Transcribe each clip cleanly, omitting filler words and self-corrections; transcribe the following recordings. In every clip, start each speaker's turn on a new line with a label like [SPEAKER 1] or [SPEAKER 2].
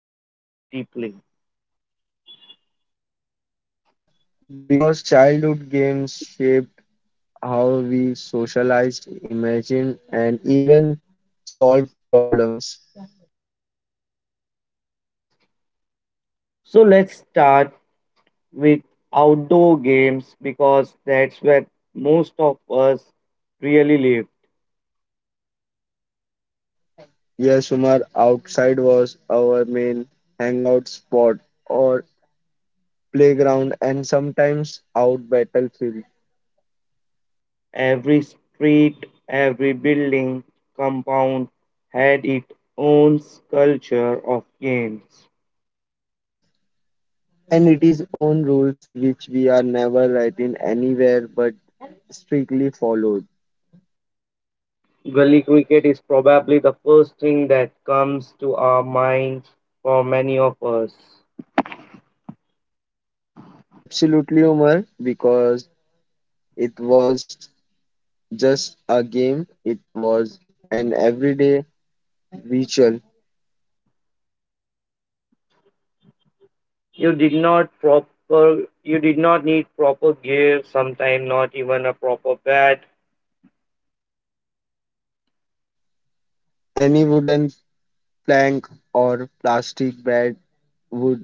[SPEAKER 1] about it deeply.
[SPEAKER 2] because childhood games shaped how we socialized, imagined, and even solved problems.
[SPEAKER 1] So let's start with outdoor games because that's where most of us really live.
[SPEAKER 2] Yes, Sumar, outside was our main hangout spot or playground and sometimes out battlefield,
[SPEAKER 1] Every street, every building, compound had its own culture of games.
[SPEAKER 2] and it is own rules which we are never writing anywhere but strictly followed.
[SPEAKER 1] Gully cricket is probably the first thing that comes to our minds for many of us.
[SPEAKER 2] Absolutely, Umar, because it was just a game, it was an everyday ritual.
[SPEAKER 1] You did not proper you did not need proper gear, sometimes not even a proper bat,
[SPEAKER 2] Any wooden plank or plastic bat would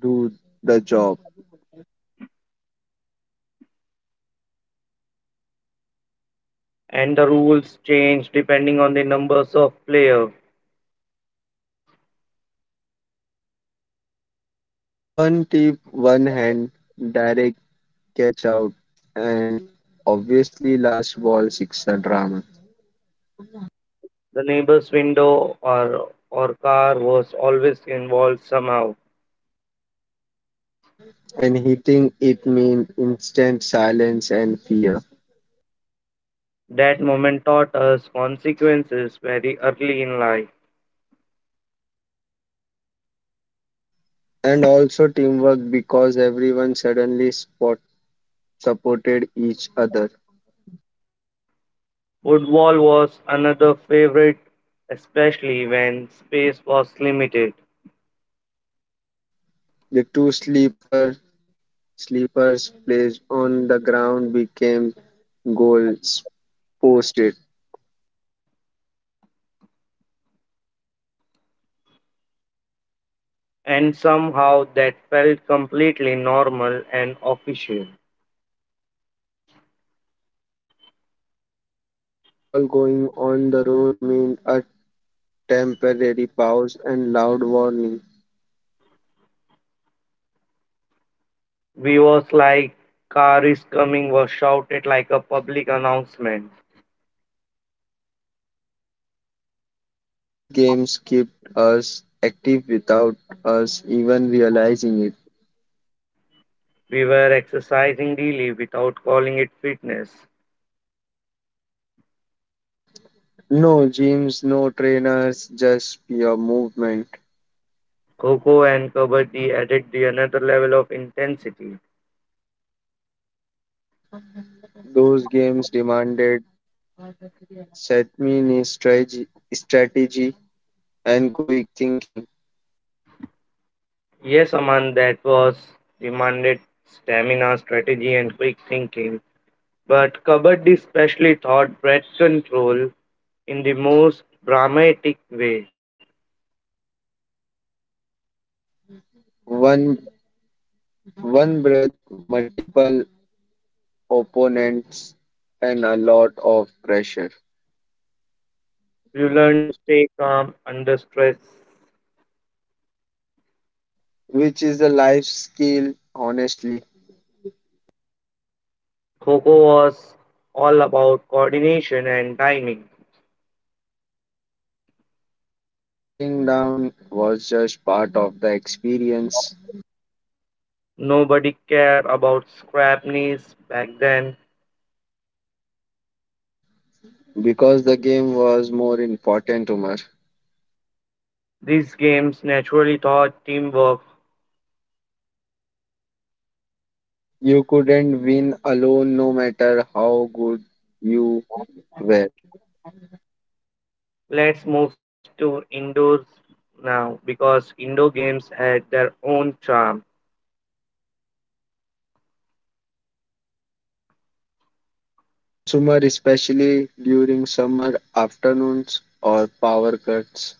[SPEAKER 2] do the job.
[SPEAKER 1] and the rules change depending on the numbers of players.
[SPEAKER 2] One tip, one hand, direct catch out, and obviously last ball sixer drama.
[SPEAKER 1] The neighbor's window or car was always involved somehow.
[SPEAKER 2] And hitting it mean instant silence and fear,
[SPEAKER 1] That moment taught us consequences very early in life.
[SPEAKER 2] and also teamwork because everyone suddenly supported each other.
[SPEAKER 1] Football was another favorite, especially when space was limited,
[SPEAKER 2] The two sleepers placed on the ground became goals posted.
[SPEAKER 1] and somehow that felt completely normal and official.
[SPEAKER 2] The ball going on the road meant a temporary pause and loud warning.
[SPEAKER 1] We was like, car is coming was shouted like a public announcement.
[SPEAKER 2] These games kept us active without us even realizing it.
[SPEAKER 1] We were exercising daily without calling it fitness.
[SPEAKER 2] No gyms, no trainers, just pure movement.
[SPEAKER 1] Coco and Kabaddi added the another level of intensity.
[SPEAKER 2] Those games demanded set me strategy, strategy and quick thinking.
[SPEAKER 1] Yes, Aman, that was demanded stamina, strategy, and quick thinking. But Kabaddi especially taught breath control in the most dramatic way.
[SPEAKER 2] One one breath, multiple opponents, and a lot of pressure,
[SPEAKER 1] You learn to stay calm under stress.
[SPEAKER 2] which is a life skill, honestly.
[SPEAKER 1] Coco was all about coordination and timing.
[SPEAKER 2] And falling down was just part of the experience
[SPEAKER 1] Nobody cared about scrap knees back then.
[SPEAKER 2] because the game was more important to me.
[SPEAKER 1] These games naturally taught teamwork.
[SPEAKER 2] You couldn't win alone no matter how good you were.
[SPEAKER 1] Let's move to indoors now because indoor games had their own charm.
[SPEAKER 2] Yes, Umar, especially during summer afternoons or power cuts.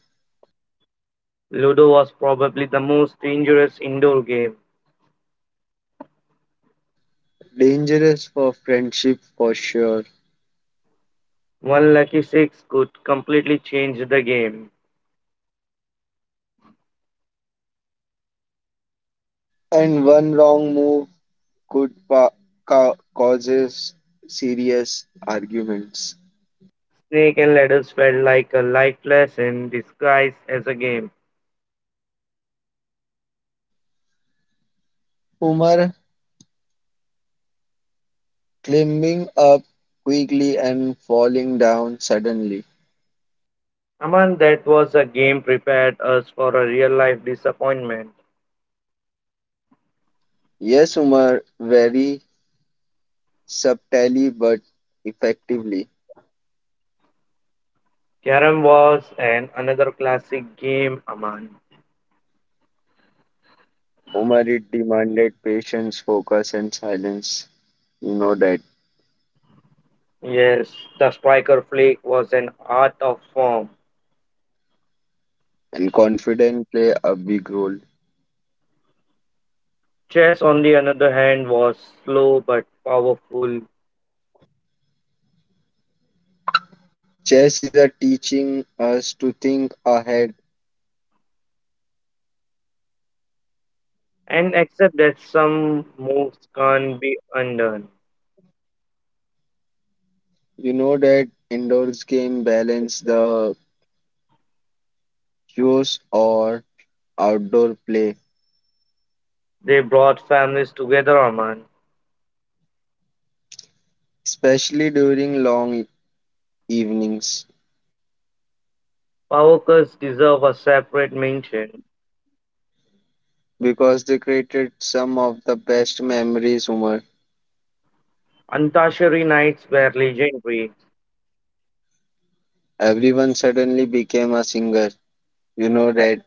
[SPEAKER 1] Ludo was probably the most dangerous indoor game.
[SPEAKER 2] Dangerous for friendship for sure.
[SPEAKER 1] One lucky six could completely change the game.
[SPEAKER 2] And one wrong move could causes serious arguments.
[SPEAKER 1] Snake and ladders felt like a life lesson disguised as a game.
[SPEAKER 2] Umar, climbing up quickly and falling down suddenly.
[SPEAKER 1] Aman, that was a game prepared us for a real life disappointment.
[SPEAKER 2] Yes, Umar, very subtly but effectively.
[SPEAKER 1] Carrom was an another classic game, Aman.
[SPEAKER 2] Umarid demanded patience, focus, and silence. You know that.
[SPEAKER 1] Yes, the striker flick was an art of form.
[SPEAKER 2] And confidence play a big role.
[SPEAKER 1] Chess, on the other hand, was slow but powerful,
[SPEAKER 2] Chess is a teaching us to think ahead.
[SPEAKER 1] and except that some moves can't be undone.
[SPEAKER 2] You know that indoors game balance the cues or outdoor play,
[SPEAKER 1] They brought families together, Aman.
[SPEAKER 2] especially during evenings,
[SPEAKER 1] Power cuts deserve a separate mention.
[SPEAKER 2] because they created some of the best memories. Umar,
[SPEAKER 1] Antashari knights were legendary.
[SPEAKER 2] everyone suddenly became a singer. You know that.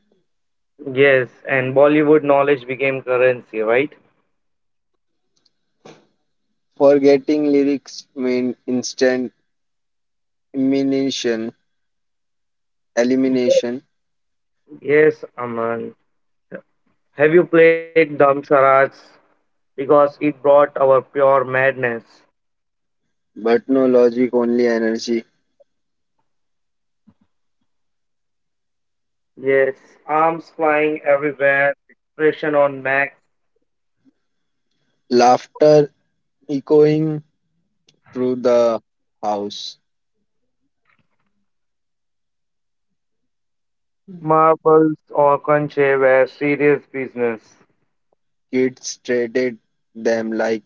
[SPEAKER 1] Yes, and Bollywood knowledge became currency, right?
[SPEAKER 2] Forgetting lyrics mean instant diminution elimination,
[SPEAKER 1] Yes, Aman. Have you played Dam Sharaj? Because it brought our pure madness.
[SPEAKER 2] but no logic, only energy.
[SPEAKER 1] Yes, arms flying everywhere, expression on Max,
[SPEAKER 2] Laughter echoing through the house.
[SPEAKER 1] marbles or conche were serious business.
[SPEAKER 2] Kids treated them like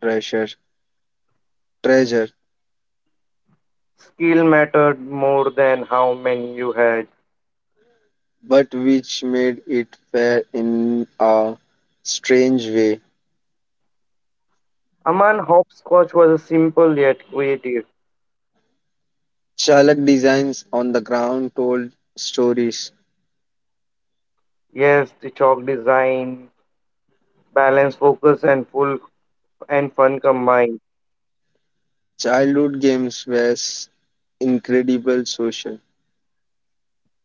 [SPEAKER 2] treasure, treasure,
[SPEAKER 1] Skill mattered more than how many you had.
[SPEAKER 2] but which made it fair in a strange way.
[SPEAKER 1] Aman Hopscotch was a simple yet creative.
[SPEAKER 2] Chalak designs on the ground told stories.
[SPEAKER 1] Yes, the chalk design, balance, focus, and full and fun combined.
[SPEAKER 2] Childhood games were incredible social,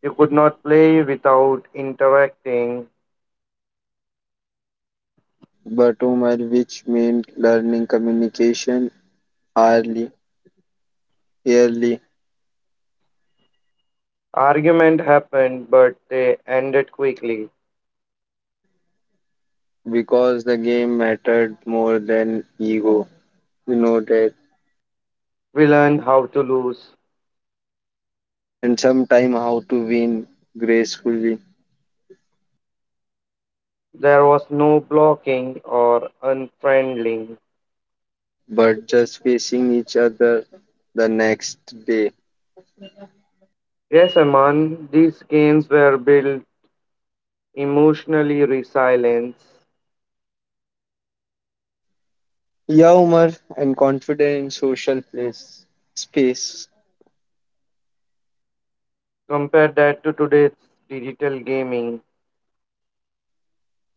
[SPEAKER 1] You could not play without interacting.
[SPEAKER 2] but Omar, which meant learning communication early, early,
[SPEAKER 1] Argument happened, but they ended quickly.
[SPEAKER 2] because the game mattered more than ego. You know that,
[SPEAKER 1] We learned how to lose.
[SPEAKER 2] and sometime how to win gracefully,
[SPEAKER 1] There was no blocking or unfriendling.
[SPEAKER 2] but just facing each other the next day.
[SPEAKER 1] Yes, Aman, these games were built emotionally resilience.
[SPEAKER 2] Yeah, Umar, and confident in social place space.
[SPEAKER 1] Compare that to today's digital gaming.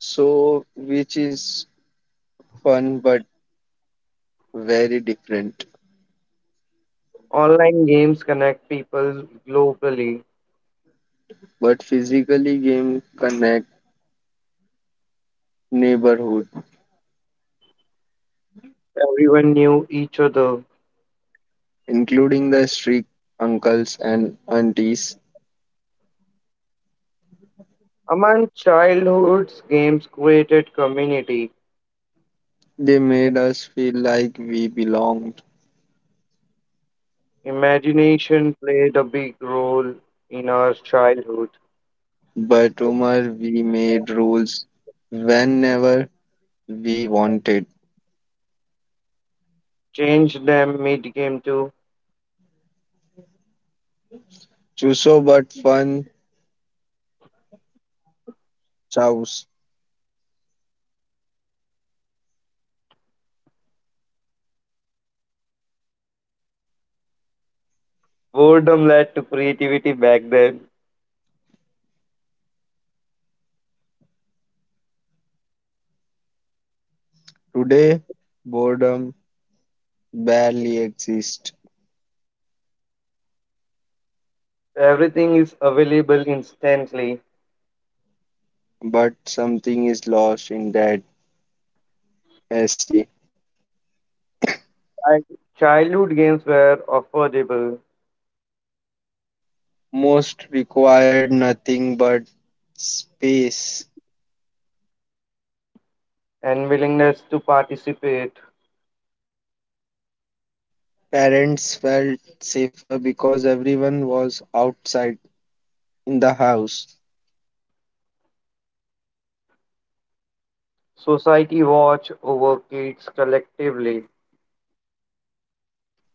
[SPEAKER 2] So, which is fun but very different.
[SPEAKER 1] Online games connect people globally.
[SPEAKER 2] But physically, game connect neighborhood,
[SPEAKER 1] Everyone knew each other.
[SPEAKER 2] including the strict uncles and aunties.
[SPEAKER 1] Among childhood's games created community.
[SPEAKER 2] They made us feel like we belong.
[SPEAKER 1] Imagination played a big role in our childhood.
[SPEAKER 2] But Umar, we made rules whenever we wanted.
[SPEAKER 1] Changed them mid-game too.
[SPEAKER 2] Chuso but fun chows.
[SPEAKER 1] Boredom led to creativity back then.
[SPEAKER 2] Today, boredom barely exists,
[SPEAKER 1] Everything is available instantly.
[SPEAKER 2] but something is lost in that essay.
[SPEAKER 1] Like, childhood games were affordable
[SPEAKER 2] Most required nothing but space.
[SPEAKER 1] and willingness to participate.
[SPEAKER 2] Parents felt safer because everyone was outside in the house.
[SPEAKER 1] Society watched over kids collectively.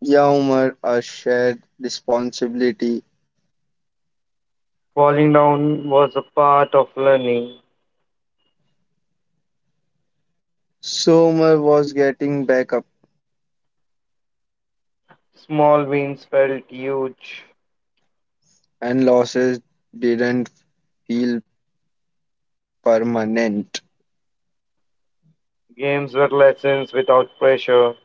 [SPEAKER 2] Yeah, Umar, a shared responsibility.
[SPEAKER 1] Falling down was a part of learning.
[SPEAKER 2] So Umar was getting back,
[SPEAKER 1] Small wins felt huge.
[SPEAKER 2] and losses didn't feel permanent.
[SPEAKER 1] Games were lessons without pressure.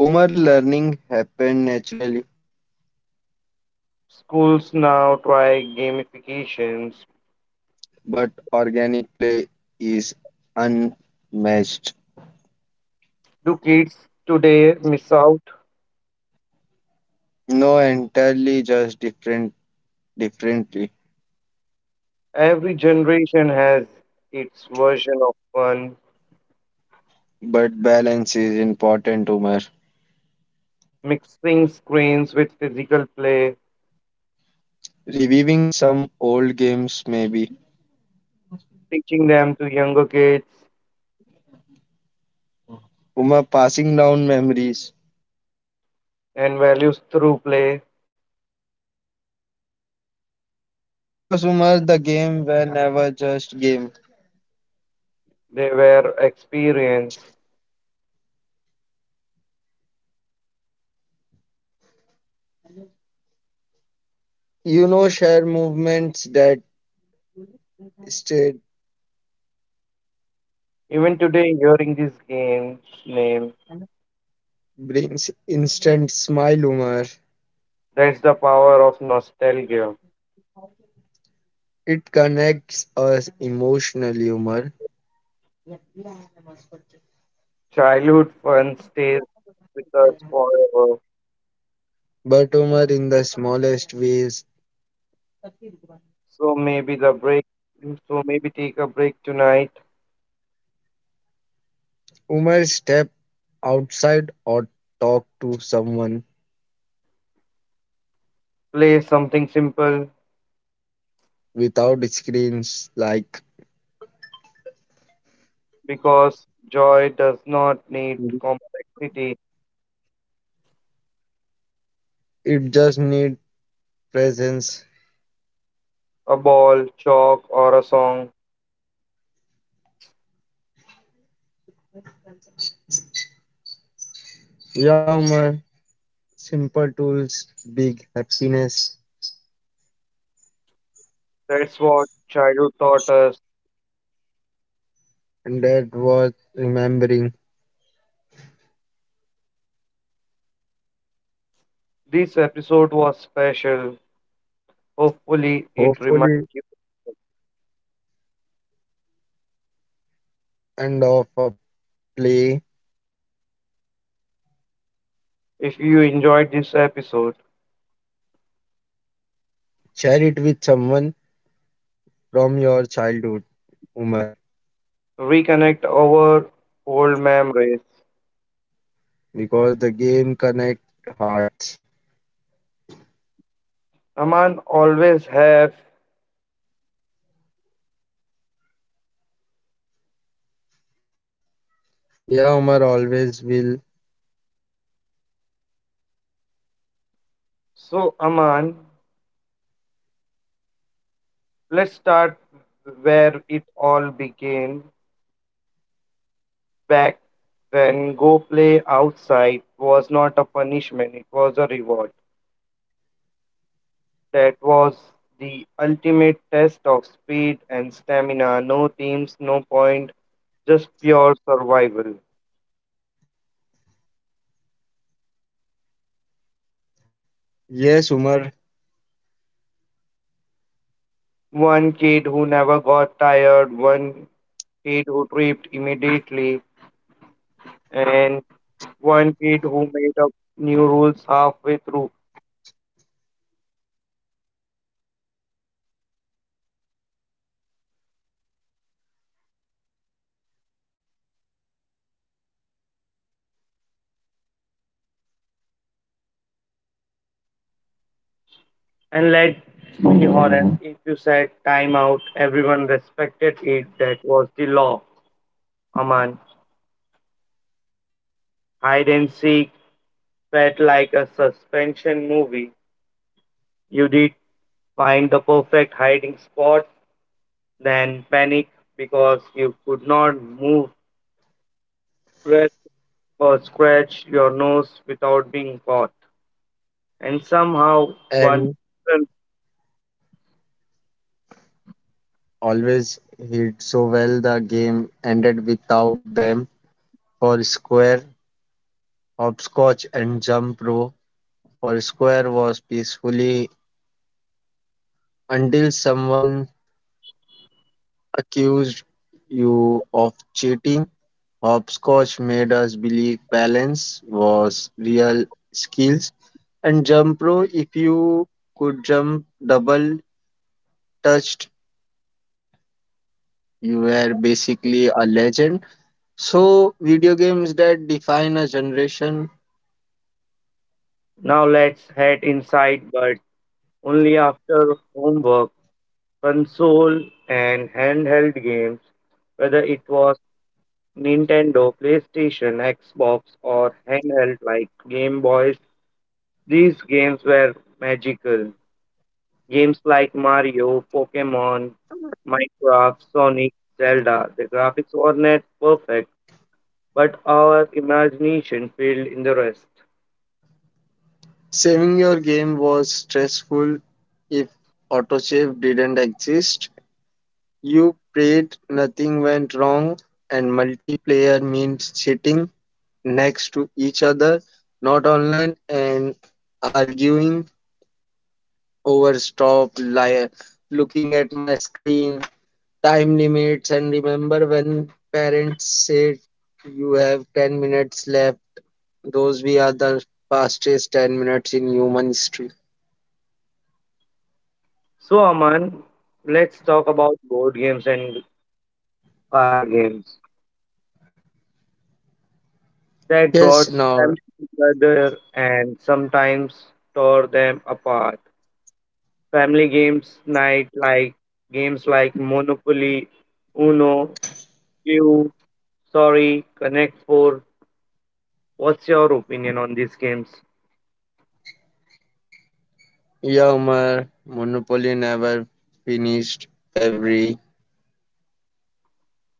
[SPEAKER 2] Umar learning happened naturally,
[SPEAKER 1] Schools now try gamifications.
[SPEAKER 2] but organic play is unmatched.
[SPEAKER 1] Do kids today miss out?
[SPEAKER 2] No entirely just different differently,
[SPEAKER 1] Every generation has its version of fun
[SPEAKER 2] but balance is important, Umar.
[SPEAKER 1] mixing screens with physical play,
[SPEAKER 2] Reviving some old games maybe.
[SPEAKER 1] teaching them to younger kids
[SPEAKER 2] Umar passing down memories.
[SPEAKER 1] and values through play,
[SPEAKER 2] Because Umar the game were never just game.
[SPEAKER 1] they were experienced.
[SPEAKER 2] You know share movements that stayed
[SPEAKER 1] Even today, hearing this game's name,
[SPEAKER 2] brings instant smile humor.
[SPEAKER 1] that's the power of nostalgia.
[SPEAKER 2] It connects us emotionally, humor,
[SPEAKER 1] Childhood fun stays with us forever.
[SPEAKER 2] but humor in the smallest ways.
[SPEAKER 1] So maybe the break, so maybe take a break tonight,
[SPEAKER 2] Humor step outside or talk to someone
[SPEAKER 1] play something simple
[SPEAKER 2] without screens like
[SPEAKER 1] because joy does not need complexity,
[SPEAKER 2] it just need presence.
[SPEAKER 1] a ball, chalk, or a song.
[SPEAKER 2] Yeah, humor, simple tools, big happiness,
[SPEAKER 1] That's what childhood taught us.
[SPEAKER 2] and that was remembering.
[SPEAKER 1] This episode was special. Hopefully, it reminds
[SPEAKER 2] Hopefully,
[SPEAKER 1] you.
[SPEAKER 2] end of a play,
[SPEAKER 1] If you enjoyed this episode,
[SPEAKER 2] share it with someone from your childhood, Umar.
[SPEAKER 1] reconnect our old memories.
[SPEAKER 2] Because the game connect hearts.
[SPEAKER 1] Aman always have.
[SPEAKER 2] Yeah, Umar always will.
[SPEAKER 1] So, Aman, let's start where it all began. Back when go play outside was not a punishment, it was a reward. That was the ultimate test of speed and stamina. No teams, no point, just pure survival.
[SPEAKER 2] Yes, Umar,
[SPEAKER 1] One kid who never got tired, one kid who tripped immediately, and one kid who made up new rules halfway through. And let's be honest, if you said timeout, everyone respected it. That was the law. Aman, hide and seek felt like a suspension movie. You did find the perfect hiding spot, then panic because you could not move well or scratch your nose without being caught. And somehow one
[SPEAKER 2] and
[SPEAKER 1] person,
[SPEAKER 2] always hit so well. The game ended without them for square, hopscotch, and jump rope. For square was peacefully until someone accused you of cheating. Hopscotch made us believe balance was real skills. And jump rope, if you could jump double touched, you were basically a legend. So, video games that define a generation,
[SPEAKER 1] now let's head inside, but only after homework, console, and handheld games, whether it was Nintendo, PlayStation, Xbox, or handheld like Game Boys, these games were magical. Games like Mario, Pokemon, Minecraft, Sonic, Zelda, the graphics were not perfect, but our imagination filled in the rest.
[SPEAKER 2] saving your game was stressful if autosave didn't exist. You prayed nothing went wrong, and multiplayer means sitting next to each other, not online, and arguing over looking at my screen, time limits. And remember when parents said you have 10 minutes left? Those we are the fastest 10 minutes in human history.
[SPEAKER 1] So, Aman, let's talk about board games and card games that
[SPEAKER 2] Yes,
[SPEAKER 1] brought
[SPEAKER 2] now,
[SPEAKER 1] families together and sometimes tore them apart. Family games night like games like Monopoly, Uno, Q, Sorry, Connect 4. What's your opinion on these games?
[SPEAKER 2] Yammer monopoly never finished every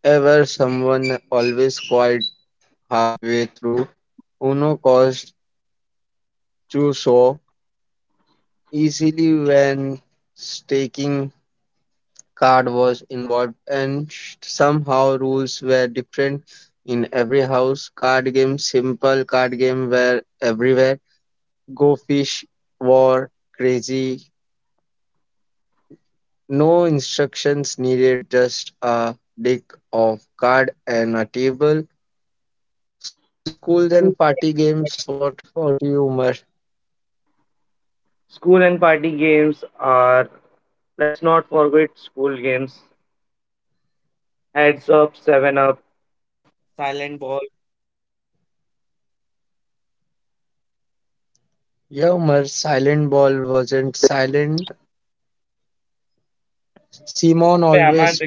[SPEAKER 2] ever, someone always quite halfway through. Uno cost too so easily when staking card was involved, and somehow rules were different in every house. Card games, simple card game were everywhere. Go fish, war, crazy. No instructions needed, just a deck of card and a table. So schools and party games, what about you, Umar?
[SPEAKER 1] School and party games are, let's not forget school games. Heads up, seven up,
[SPEAKER 2] Yeah, Umar, silent ball wasn't silent. Simon always